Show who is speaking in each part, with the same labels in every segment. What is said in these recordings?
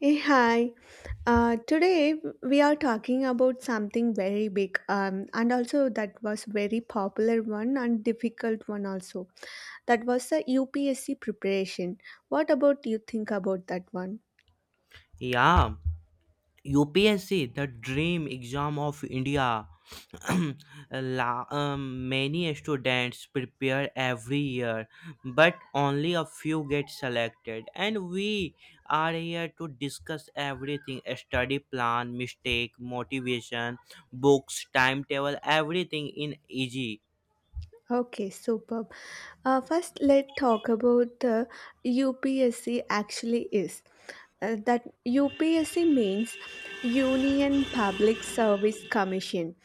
Speaker 1: Hey, hi. Today we are talking about something very big, and also that was very popular one and difficult one also. That was the UPSC preparation. What about you think about that one?
Speaker 2: Yeah, UPSC, the dream exam of India. Many students prepare every year, but only a few get selected. And we are here to discuss everything, a study plan, mistake, motivation, books, timetable, everything in easy.
Speaker 1: Okay, super. First, let's talk about the UPSC actually is. That UPSC means Union Public Service Commission.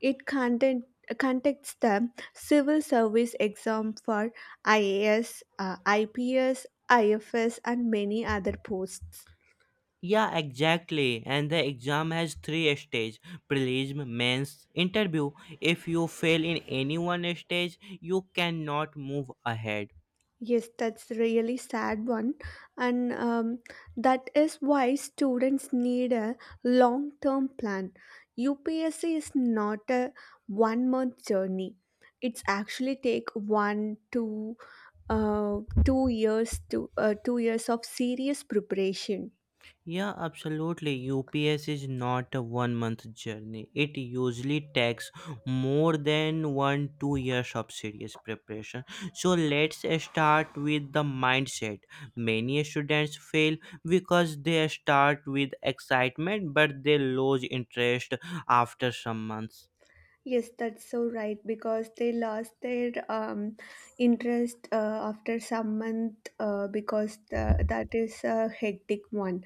Speaker 1: It content, conducts the civil service exam for IAS, IPS, IFS, and many other posts.
Speaker 2: Yeah, exactly. And the exam has three stages, prelim, mains, interview. If you fail in any one stage, you cannot move ahead.
Speaker 1: Yes, that's really sad one, and that is why students need a long-term plan. UPSC is not a one-month journey. It's actually take one to two years to 2 years of serious preparation.
Speaker 2: Yeah, absolutely. UPS is not a one month journey. It usually takes more than one, 2 years of serious preparation. So let's start with the mindset. Many students fail because they start with excitement but they lose interest after some months.
Speaker 1: Yes, that's so right because they lost their interest after some month that is a hectic one.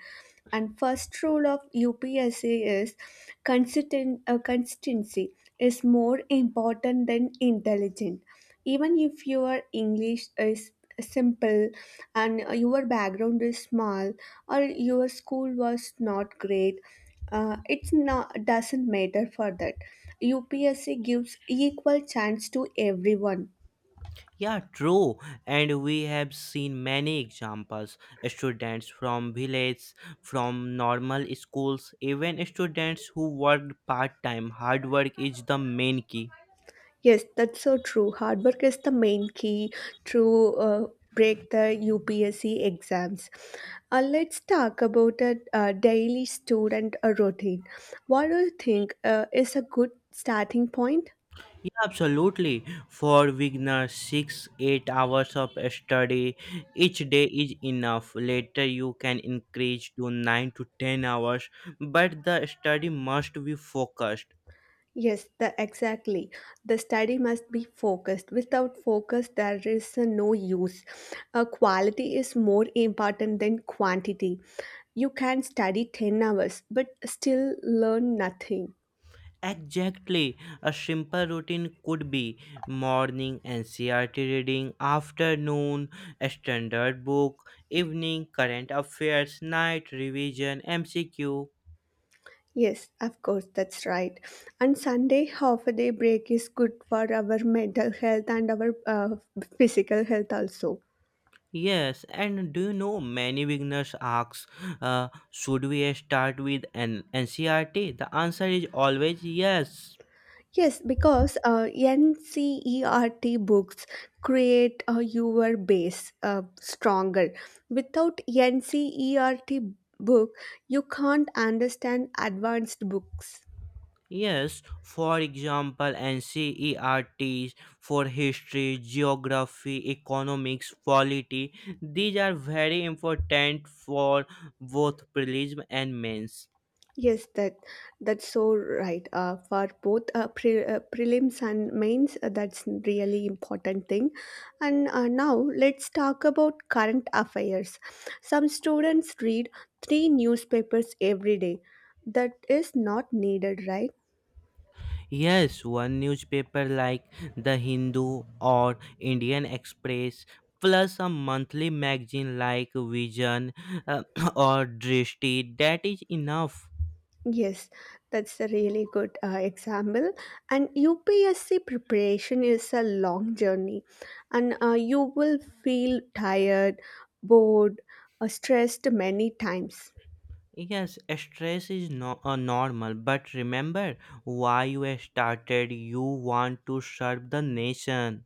Speaker 1: And first rule of UPSC is consistency is more important than intelligent. Even if your English is simple and your background is small or your school was not great, it's not doesn't matter for that. UPSC gives equal chance to everyone.
Speaker 2: Yeah, true. And we have seen many examples. Students from villages, from normal schools, even students who worked part time. Hard work is the main key.
Speaker 1: Yes, that's so true. Hard work is the main key to break the UPSC exams. Let's talk about a, daily student routine. What do you think is a good starting point?
Speaker 2: Yeah, absolutely. For beginners, 6-8 hours of study each day is enough. Later, you can increase to 9 to 10 hours, but the study must be focused.
Speaker 1: Yes, exactly. The study must be focused. Without focus, there is no use. Quality is more important than quantity. You can study 10 hours but still learn nothing.
Speaker 2: Exactly. A simple routine could be morning NCRT reading, afternoon a standard book, evening current affairs, night revision, MCQ.
Speaker 1: Yes, of course, that's right. And Sunday half a day break is good for our mental health and our physical health also.
Speaker 2: Yes, and do you know, many beginners ask, should we start with an NCRT? The answer is always yes.
Speaker 1: Yes, because NCERT books create your base stronger. Without NCERT book, you can't understand advanced books.
Speaker 2: Yes, for example, NCERTs for history, geography, economics, polity, these are very important for both prelims and mains.
Speaker 1: Yes, that's so right. For both prelims and mains, that's really important thing. And now let's talk about current affairs. Some students read three newspapers every day. That is not needed, right?
Speaker 2: Yes, one newspaper like The Hindu or Indian Express, plus a monthly magazine like Vision uh, or Drishti, that is enough.
Speaker 1: Yes, that's a really good example. And UPSC preparation is a long journey, and you will feel tired, bored, stressed many times.
Speaker 2: Yes, stress is no, normal, but remember why you started. You want to serve the nation.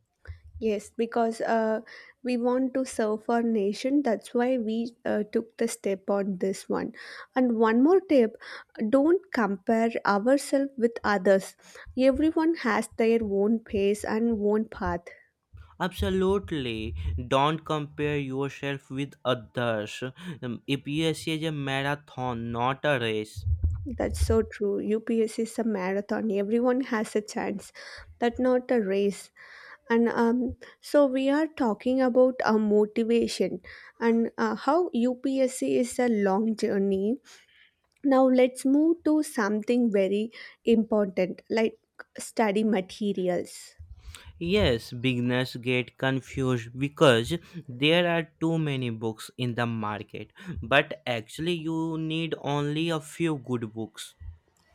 Speaker 1: Yes, because we want to serve our nation. That's why we took the step on this one. And one more tip, don't compare ourselves with others. Everyone has their own pace and own path.
Speaker 2: Absolutely. Don't compare yourself with others. EPS is a marathon, not a race.
Speaker 1: That's so true. UPS is a marathon, everyone has a chance, but not a race. And so we are talking about motivation and how UPSC is a long journey. Now let's move to something very important like study materials.
Speaker 2: Yes, beginners get confused because there are too many books in the market, but actually, you need only a few good books.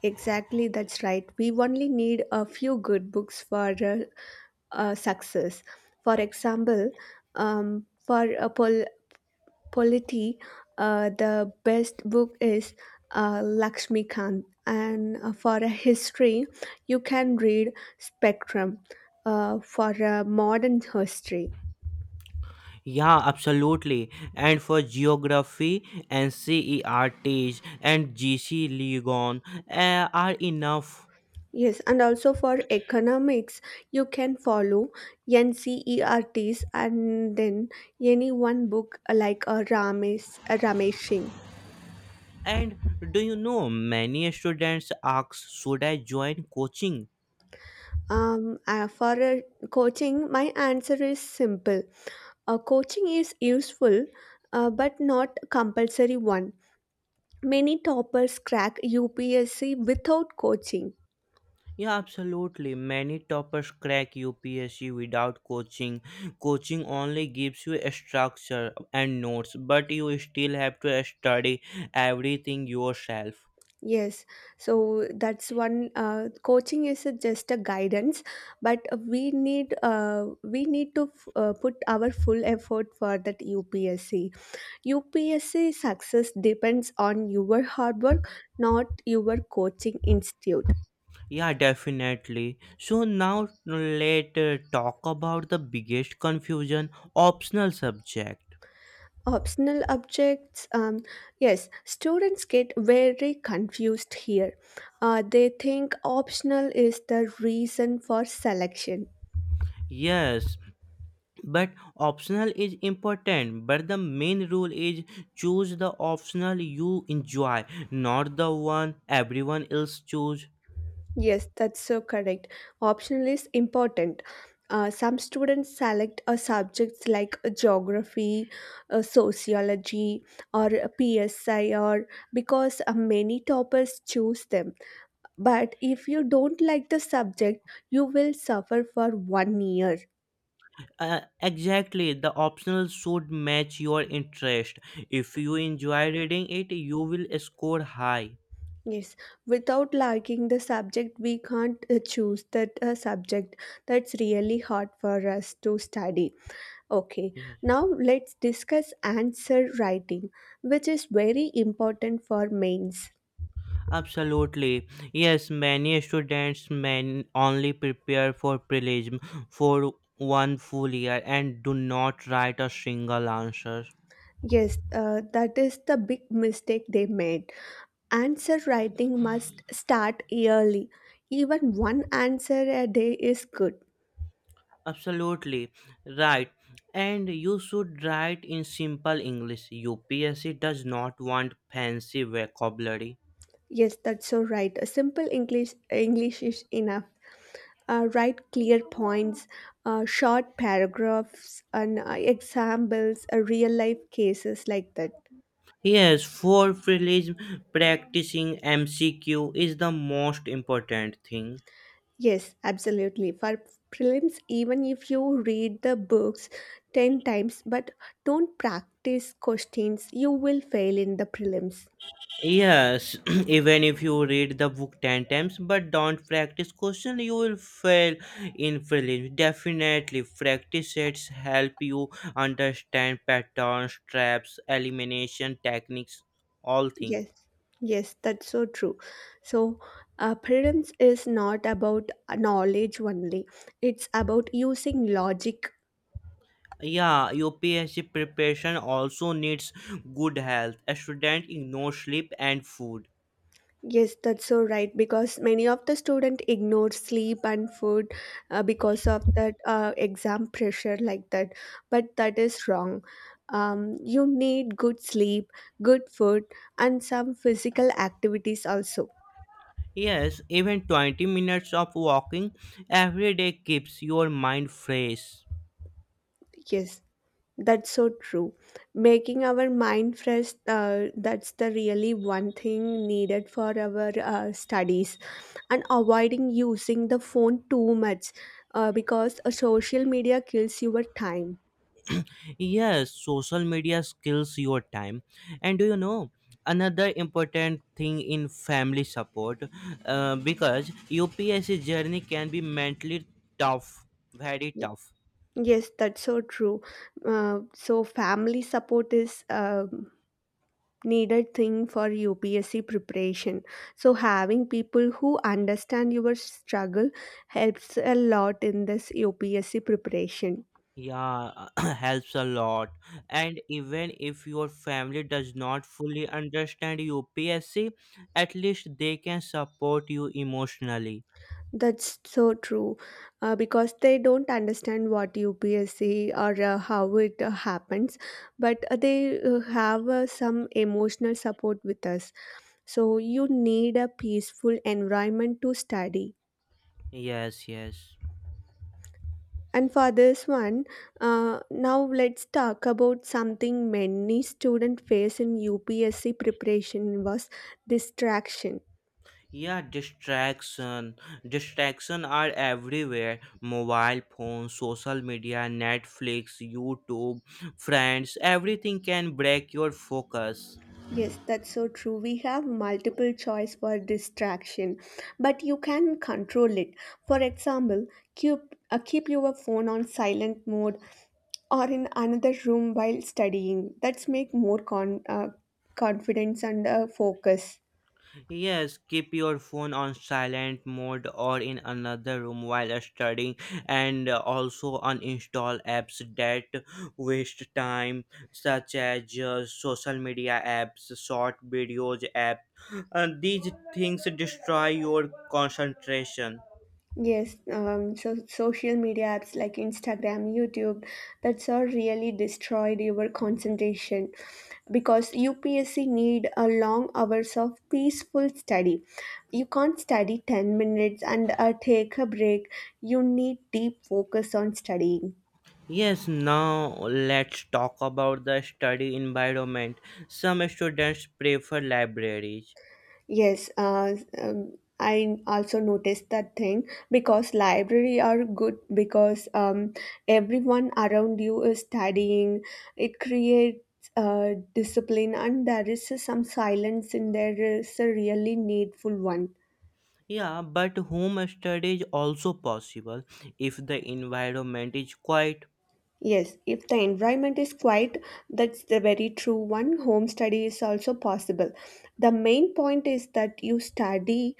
Speaker 1: Exactly, that's right. We only need a few good books for success. For example, for polity, the best book is Lakshmi Khan, and for a history, you can read Spectrum. For a modern history,
Speaker 2: Yeah, absolutely. And for geography, NCERTs and GC Ligon are enough.
Speaker 1: yes, and also for economics, you can follow NCERTs and then any one book like a Ramesh Singh.
Speaker 2: And do you know, many students ask, should I join coaching?
Speaker 1: For coaching, my answer is simple. Coaching is useful, but not compulsory one. Many toppers crack UPSC without coaching.
Speaker 2: Yeah, absolutely. Many toppers crack UPSC without coaching. Coaching only gives you a structure and notes, but you still have to study everything yourself.
Speaker 1: Yes, so that's one. Coaching is just a guidance, but we need to put our full effort for that UPSC. UPSC success depends on your hard work, not your coaching institute.
Speaker 2: Yeah, definitely. So now let's talk about the biggest confusion, optional subject.
Speaker 1: Optional objects. Yes, students get very confused here. They think optional is the reason for selection.
Speaker 2: Yes, but optional is important, but the main rule is, choose the optional you enjoy, not the one everyone else choose.
Speaker 1: Yes, that's so correct. Optional is important. Some students select a subjects like geography, sociology, or PSI, or because many toppers choose them. But if you don't like the subject, you will suffer for 1 year.
Speaker 2: Exactly, the optional should match your interest. If you enjoy reading it, you will score high.
Speaker 1: Yes, without liking the subject, we can't choose that subject. That's really hard for us to study. Okay,
Speaker 2: Yes.
Speaker 1: now let's discuss answer writing, which is very important for mains.
Speaker 2: Absolutely. Yes, many students may only prepare for prelim for one full year and do not write a single answer.
Speaker 1: Yes, that is the big mistake they made. Answer writing must start early. Even one answer a day is good.
Speaker 2: Absolutely. Right. And you should write in simple English. UPSC does not want fancy vocabulary.
Speaker 1: Yes, that's so right. A simple English is enough. Write clear points, short paragraphs, and examples, real life cases like that.
Speaker 2: Yes, for prelim, practicing MCQ is the most important thing.
Speaker 1: Yes, absolutely. For prelims, even if you read the books 10 times but don't practice questions, you will fail in the prelims.
Speaker 2: Yes, even if you read the book 10 times but don't practice question, you will fail in prelims. Definitely, practice sets help you understand patterns, traps, elimination techniques, all things.
Speaker 1: Yes, yes, that's so true. So, prelims is not about knowledge only, it's about using logic.
Speaker 2: Yeah, UPSC preparation also needs good health. A student ignores sleep and food.
Speaker 1: Yes, that's so right because many of the students ignore sleep and food because of that exam pressure like that. But that is wrong. You need good sleep, good food, and some physical activities also.
Speaker 2: Yes, even 20 minutes of walking every day keeps your mind fresh.
Speaker 1: Yes. That's so true. Making our mind fresh, that's the really one thing needed for our studies. And avoiding using the phone too much because a social media kills your time.
Speaker 2: Yes, social media kills your time. And do you know another important thing in family support? Because UPSC journey can be mentally tough, very
Speaker 1: Y-
Speaker 2: tough.
Speaker 1: Yes, that's so true. So, family support is needed thing for UPSC preparation. So, having people who understand your struggle helps a lot in this UPSC preparation.
Speaker 2: Yeah, helps a lot. And even if your family does not fully understand UPSC, at least they can support you emotionally.
Speaker 1: That's so true, because they don't understand what UPSC or how it happens, but they have some emotional support with us. So you need a peaceful environment to study.
Speaker 2: Yes, yes.
Speaker 1: And for this one, now let's talk about something many students face in UPSC preparation was distraction.
Speaker 2: Yeah, distraction. Distraction are everywhere. Mobile phones, social media, Netflix, YouTube, friends, everything can break your focus.
Speaker 1: Yes, that's so true. We have multiple choice for distraction, but you can control it. For example, keep keep your phone on silent mode or in another room while studying. That's make more confidence and focus.
Speaker 2: Yes, keep your phone on silent mode or in another room while studying, and also uninstall apps that waste time, such as social media apps, short videos app. These things destroy your concentration.
Speaker 1: Yes, so social media apps like Instagram, YouTube, that's all really destroyed your concentration because UPSC need a long hours of peaceful study. You can't study 10 minutes and take a break. You need deep focus on studying.
Speaker 2: Yes, now let's talk about the study environment. Some students prefer libraries.
Speaker 1: Yes, um, I also noticed that thing because library are good because everyone around you is studying. It creates discipline and there is some silence and there is a really needful one.
Speaker 2: Yeah, but home study is also possible if the environment is quiet.
Speaker 1: Yes, if the environment is quiet, that's the very true one. Home study is also possible. The main point is that you study.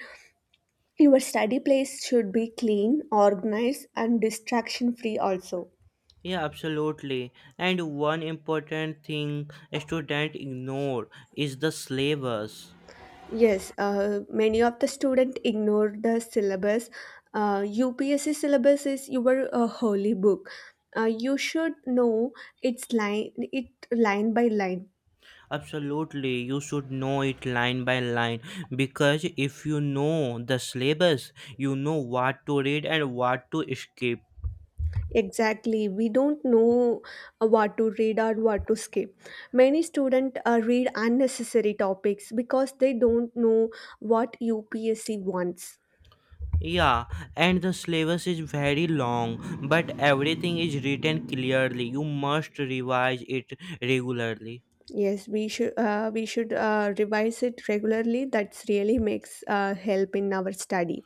Speaker 1: Your study place should be clean, organized, and distraction free also.
Speaker 2: Yeah, absolutely. And one important thing students ignore is the syllabus.
Speaker 1: Yes, many of the students ignore the syllabus. UPSC syllabus is your holy book. You should know its line, it line by line.
Speaker 2: Absolutely, you should know it line by line, because if you know the syllabus, you know what to read and what to skip.
Speaker 1: Exactly, we don't know what to read or what to skip. Many students read unnecessary topics because they don't know what UPSC wants.
Speaker 2: Yeah, and the syllabus is very long, but everything is written clearly. You must revise it regularly.
Speaker 1: Yes, we should revise it regularly. That's really makes help in our study.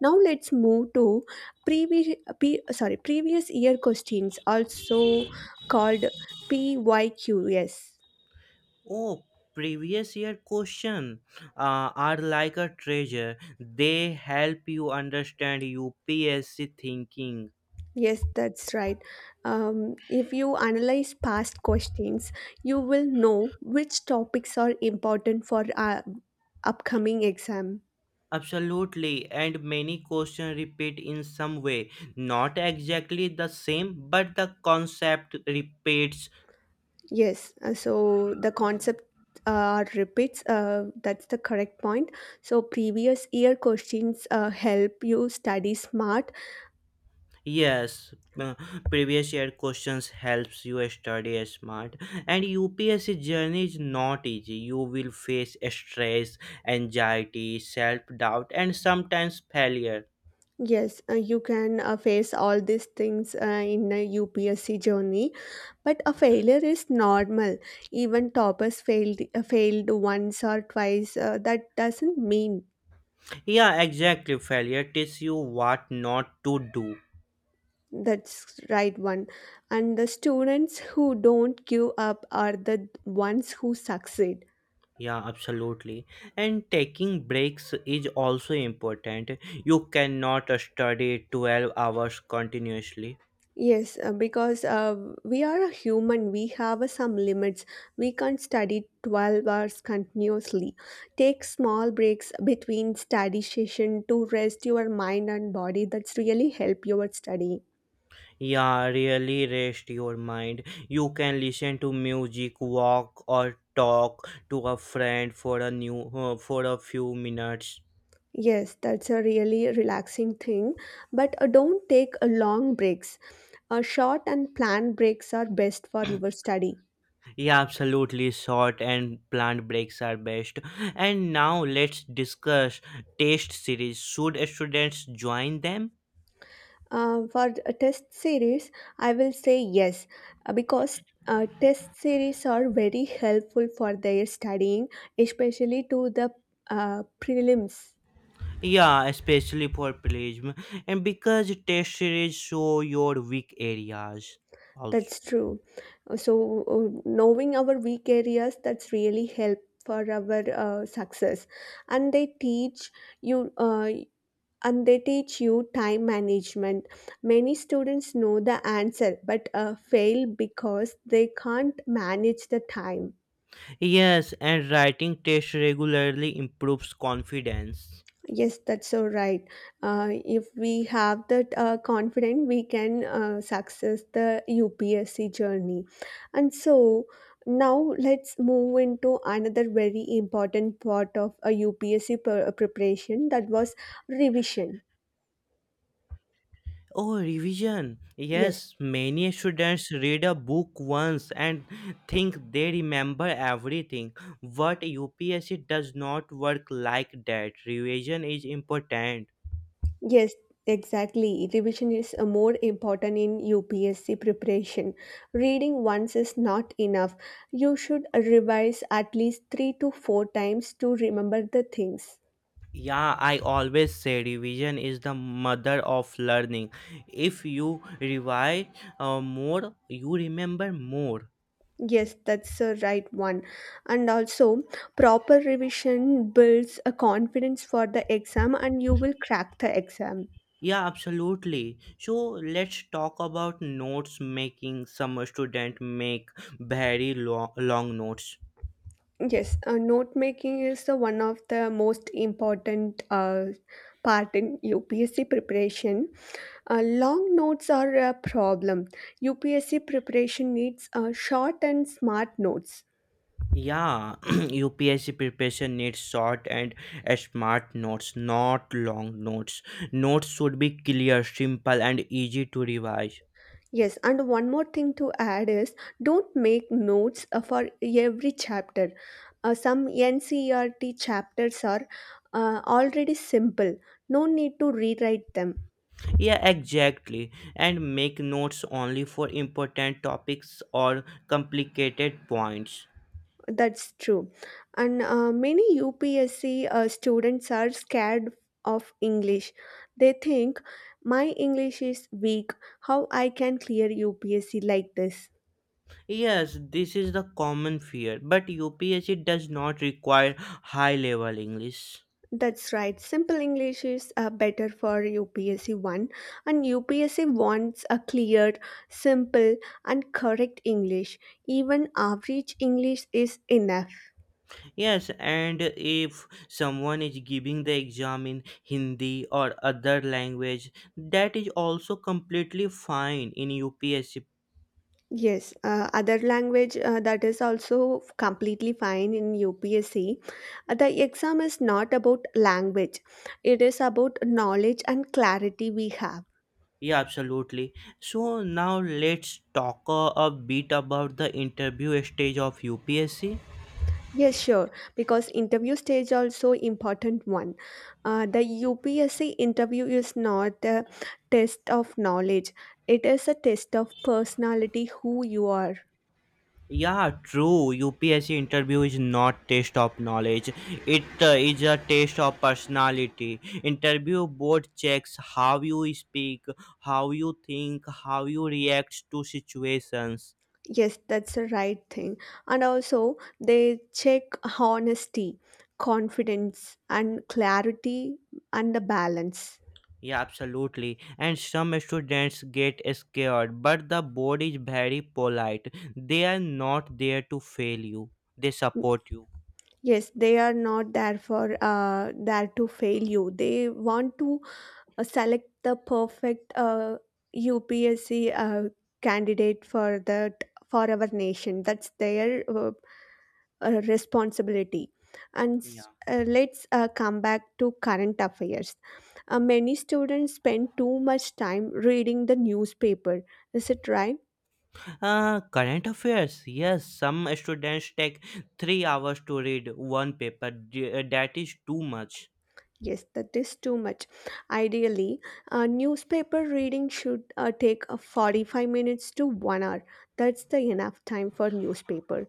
Speaker 1: Now let's move to sorry previous year questions, also called PYQs. Yes,
Speaker 2: Oh, previous year question are like a treasure. They help you understand UPSC thinking.
Speaker 1: yes, that's right. If you analyze past questions, you will know which topics are important for upcoming exam.
Speaker 2: Absolutely, and many questions repeat in some way. Not exactly the same, but the concept repeats.
Speaker 1: Yes, so the concept repeats, that's the correct point. So, previous year questions help you study smart.
Speaker 2: Yes, previous year questions helps you study smart, and UPSC journey is not easy. You will face stress, anxiety, self-doubt and sometimes failure.
Speaker 1: Yes, you can face all these things in a UPSC journey, but a failure is normal. Even toppers failed once or twice. That doesn't mean
Speaker 2: Yeah, exactly. Failure teaches you what not to do.
Speaker 1: that's right one, and the students who don't give up are the ones who succeed.
Speaker 2: Yeah, absolutely. And taking breaks is also important. You cannot study 12 hours continuously.
Speaker 1: Yes, because we are a human, we have some limits. We can't study 12 hours continuously. Take small breaks between study session to rest your mind and body. That's really help your study.
Speaker 2: Yeah, really rest your mind. You can listen to music, walk or talk to a friend for a new for a few minutes.
Speaker 1: Yes, that's a really relaxing thing. But don't take long breaks. Short and planned breaks are best for your study.
Speaker 2: Yeah, absolutely. Short and plant breaks are best. And now let's discuss taste series. Should students join them?
Speaker 1: For a test series, I will say yes because test series are very helpful for their studying, especially to the prelims.
Speaker 2: Yeah, especially for Prism, and because test series show your weak areas also.
Speaker 1: That's true. Knowing our weak areas, that's really help for our success. And they teach you. And they teach you time management. Many students know the answer but fail because they can't manage the time.
Speaker 2: Yes, and writing test regularly improves confidence.
Speaker 1: Yes, that's so right. If we have that confidence, we can success the UPSC journey. And so now let's move into another very important part of a UPSC preparation that was revision.
Speaker 2: Oh, revision.
Speaker 1: Yes,
Speaker 2: Yes, many students read a book once and think they remember everything. But UPSC does not work like that. Revision is important.
Speaker 1: yes, exactly. Revision is more important in UPSC preparation. Reading once is not enough. You should revise at least three to four times to remember the things.
Speaker 2: Yeah, I always say revision is the mother of learning. If you revise more, you remember more.
Speaker 1: Yes, that's the right one. And also, proper revision builds a confidence for the exam and you will crack the exam.
Speaker 2: Yeah, absolutely. So let's talk about notes making. Some student make very long, long notes.
Speaker 1: Yes, note making is the one of the most important part in UPSC preparation. Long notes are a problem. UPSC preparation needs short and smart notes.
Speaker 2: Yeah, UPSC preparation needs short and smart notes, not long notes. Notes should be clear, simple, and easy to revise.
Speaker 1: Yes, and one more thing to add is don't make notes for every chapter. Some NCERT chapters are already simple, no need to rewrite them.
Speaker 2: Yeah, exactly. And make notes only for important topics or complicated points.
Speaker 1: That's true. And many UPSC students are scared of English. They think my English is weak, how I can clear UPSC like this.
Speaker 2: Yes, this is the common fear, but UPSC does not require high level English.
Speaker 1: That's right. Simple English is better for UPSC 1, and UPSC wants a clear, simple, and correct English. Even average English is enough.
Speaker 2: Yes, and if someone is giving the exam in Hindi or other language, that is also completely fine in UPSC.
Speaker 1: Yes, other language, that is also completely fine in UPSC. The exam is not about language, it is about knowledge and clarity we have.
Speaker 2: Yeah, absolutely. So now let's talk a bit about the interview stage of UPSC.
Speaker 1: Yes, sure. Because interview stage also important one. The UPSC interview is not a test of knowledge. It is a test of personality, who you are.
Speaker 2: Yeah, true. UPSC interview is not test of knowledge. It is a test of personality. Interview board checks how you speak, how you think, how you react to situations.
Speaker 1: Yes, that's the right thing. And also, they check honesty, confidence, and clarity, and the balance.
Speaker 2: Yeah, absolutely. And some students get scared, but the board is very polite. They are not there to fail you. They support you.
Speaker 1: Yes, they are not there for there to fail you. They want to select the perfect UPSC candidate for that for our nation. That's their responsibility. And s-
Speaker 2: Yeah.
Speaker 1: uh, let's uh, come back to current affairs. Many students spend too much time reading the newspaper. Is it right?
Speaker 2: Current affairs. Yes, some students take 3 hours to read one paper. That is too much.
Speaker 1: Yes, that is too much. Ideally, newspaper reading should take 45 minutes to 1 hour. That's the enough time for newspaper.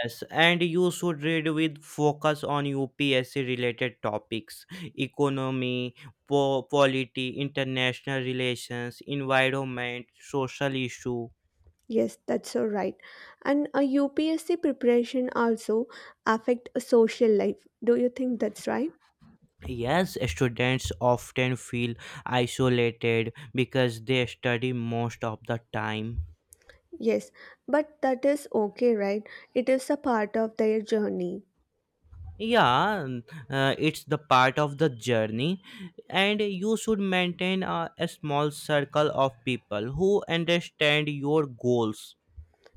Speaker 2: Yes, and you should read with focus on UPSC related topics, economy, polity, international relations, environment, social issue.
Speaker 1: Yes, that's so right. And a UPSC preparation also affect a social life. Do you think that's right?
Speaker 2: Yes, students often feel isolated because they study most of the time.
Speaker 1: Yes, but that is okay, right? It is a part of their journey.
Speaker 2: Yeah, it's the part of the journey, and you should maintain a small circle of people who understand your goals.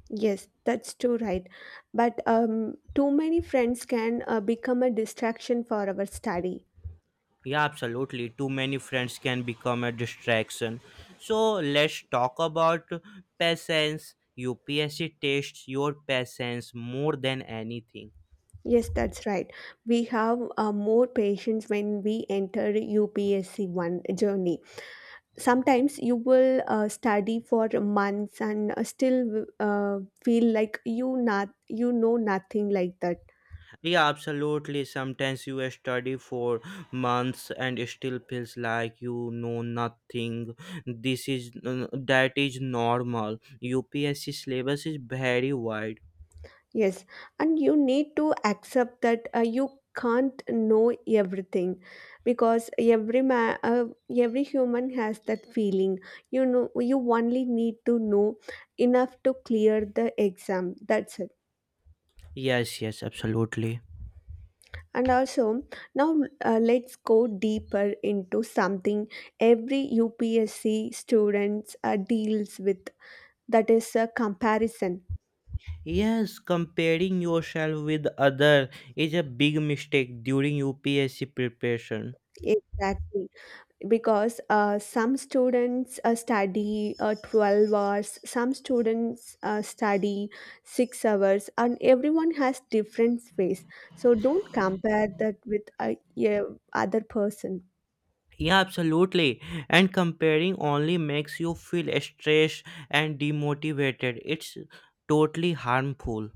Speaker 1: Yes, that's too right. But too many friends can become a distraction for our study.
Speaker 2: Yeah, absolutely, too many friends can become a distraction. So let's talk about patience. UPSC tests your patience more than anything.
Speaker 1: Yes, that's right. We have more patience when we enter UPSC one journey. Sometimes you will study for months and still feel like you not you know nothing like that.
Speaker 2: Yeah, absolutely. Sometimes you study for months and it still feels like you know nothing. This is that is normal. UPSC syllabus is very wide.
Speaker 1: Yes, and you need to accept that you can't know everything, because every human has that feeling, you know, you only need to know enough to clear the exam. That's it.
Speaker 2: Yes, yes, absolutely.
Speaker 1: And also, now let's go deeper into something every UPSC students deals with. That is a comparison.
Speaker 2: Yes, comparing yourself with other is a big mistake during UPSC preparation.
Speaker 1: Exactly, because some students study 12 hours, some students study 6 hours, and everyone has different space. So don't compare that with a, yeah, other person.
Speaker 2: Yeah, absolutely. And comparing only makes you feel stressed and demotivated. It's totally harmful.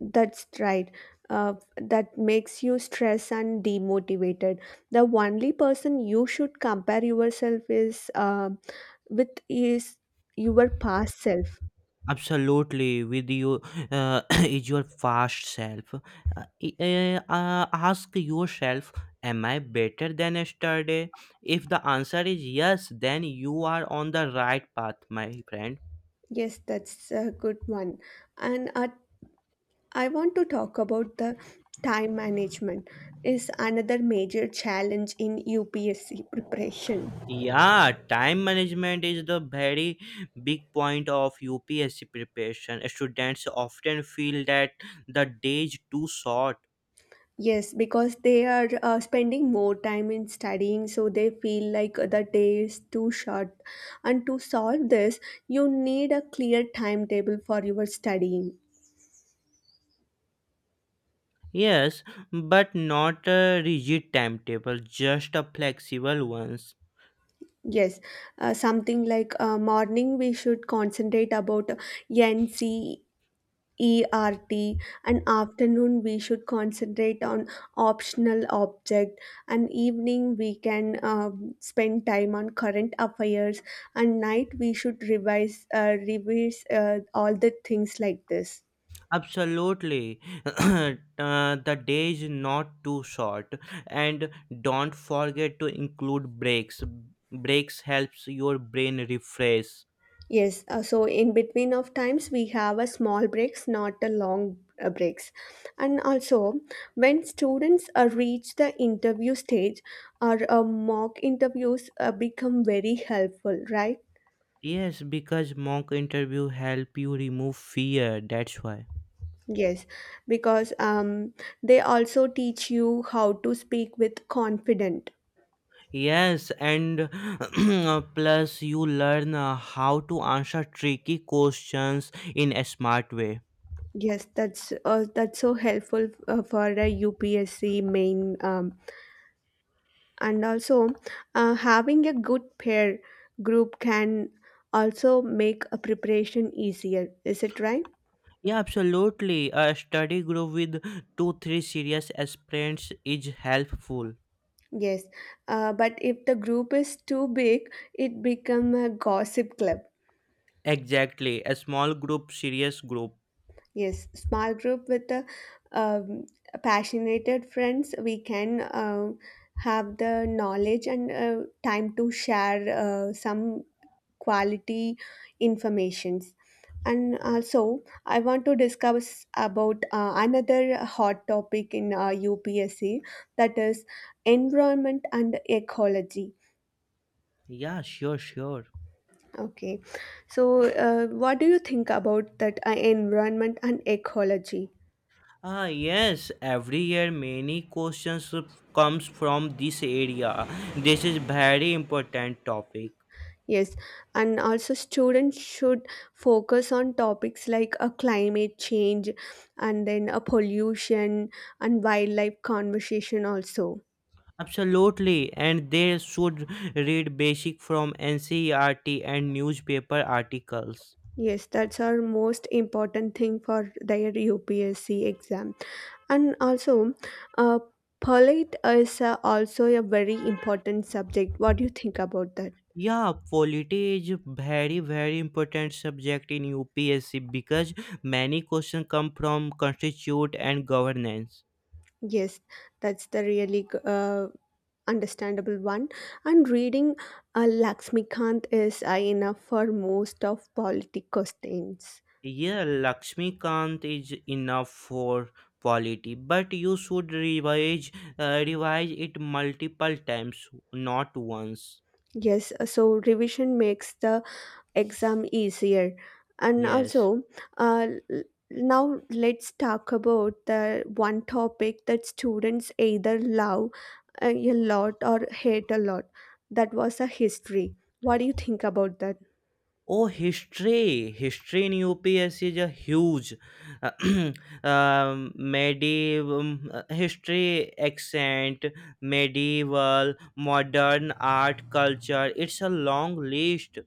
Speaker 1: That's right. That makes you stressed and demotivated. The only person you should compare yourself is with is your past self.
Speaker 2: Absolutely, with you uh, is your past self. Ask yourself, am I better than yesterday? If the answer is yes, then you are on the right path, my friend.
Speaker 1: Yes, that's a good one. And I want to talk about the time management is another major challenge in UPSC preparation.
Speaker 2: Yeah, time management is the very big point of UPSC preparation. Students often feel that the day is too short.
Speaker 1: Yes, because they are spending more time in studying, so they feel like the day is too short. And to solve this, you need a clear timetable for your studying.
Speaker 2: Yes, but not a rigid timetable, just a flexible ones.
Speaker 1: Yes, something like morning we should concentrate about NC ERT, and afternoon we should concentrate on optional object, and evening we can spend time on current affairs, and night we should revise all the things like this.
Speaker 2: Absolutely. The day is not too short, and don't forget to include breaks. Breaks helps your brain refresh.
Speaker 1: Yes, so in between of times we have a small breaks, not a long breaks. And also, when students reach the interview stage, our mock interviews become very helpful, right?
Speaker 2: Yes, because mock interview help you remove fear, that's why.
Speaker 1: Yes, because they also teach you how to speak with confident.
Speaker 2: Yes, and plus you learn how to answer tricky questions in a smart way.
Speaker 1: Yes, that's so helpful for a UPSC main, and also having a good peer group can also make a preparation easier. Is it right?
Speaker 2: Yeah, absolutely. A study group with two, three serious aspirants is helpful.
Speaker 1: Yes, but if the group is too big, it become a gossip club.
Speaker 2: Exactly, a small group, serious group.
Speaker 1: Yes, small group with the um, passionate friends, we can have the knowledge and time to share some quality informations. And
Speaker 2: Yeah,
Speaker 1: also, I want to discuss about another hot topic in UPSC that is environment and ecology.
Speaker 2: yeah, sure, sure.
Speaker 1: Okay, so what do you think about that environment and ecology?
Speaker 2: Ah, yes, every year many questions comes from this area. This is very important topic.
Speaker 1: Yes, and also students should focus on topics like a climate change, and then a pollution, and wildlife conversation also.
Speaker 2: Absolutely, and they should read basic from NCERT and newspaper articles.
Speaker 1: Yes, that's our most important thing for their UPSC exam. And also, uh, polite is also a very important subject. What do you think about that?
Speaker 2: Yeah, polity is very very important subject in UPSC because many questions come from constitute and governance.
Speaker 1: Yes, that's the really understandable one, and reading Laxmikant is enough for most of political questions.
Speaker 2: Yeah, Lakshmikant is enough for quality, but you should revise it multiple times, not once.
Speaker 1: Yes, so revision makes the exam easier. And
Speaker 2: Yes.
Speaker 1: also, uh, l- now let's talk about the one topic that students either love a lot or hate a lot. That was a history. What do you think about that?
Speaker 2: Oh, history! History in UPS is a huge medieval history, accent, medieval, modern art, culture. It's a long list.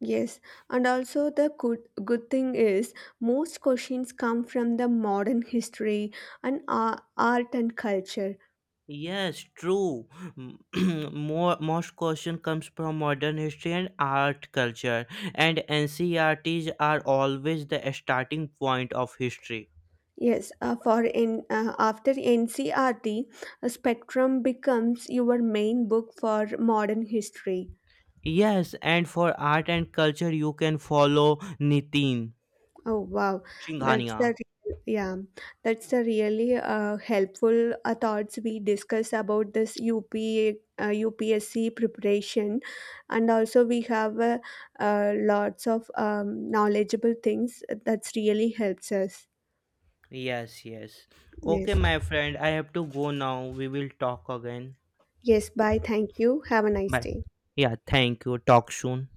Speaker 1: Yes, and also the good thing is most questions come from the modern history and art and culture.
Speaker 2: Yes, true. Most question comes from modern history and art culture, and NCRT's are always the starting point of history.
Speaker 1: Yes, after NCRT, spectrum becomes your main book for modern history.
Speaker 2: Yes, and for art and culture, you can follow Nitin
Speaker 1: Oh wow,
Speaker 2: Singhania.
Speaker 1: yeah, that's the really helpful thoughts we discuss about this UP uh, UPSC preparation, and also we have lots of knowledgeable things that really helps us.
Speaker 2: Yes, yes. Okay,
Speaker 1: Yes,
Speaker 2: my friend, I have to go now. We will talk again.
Speaker 1: yes. Bye. Thank you. Have a nice
Speaker 2: Bye.
Speaker 1: day.
Speaker 2: Yeah, thank you. Talk soon.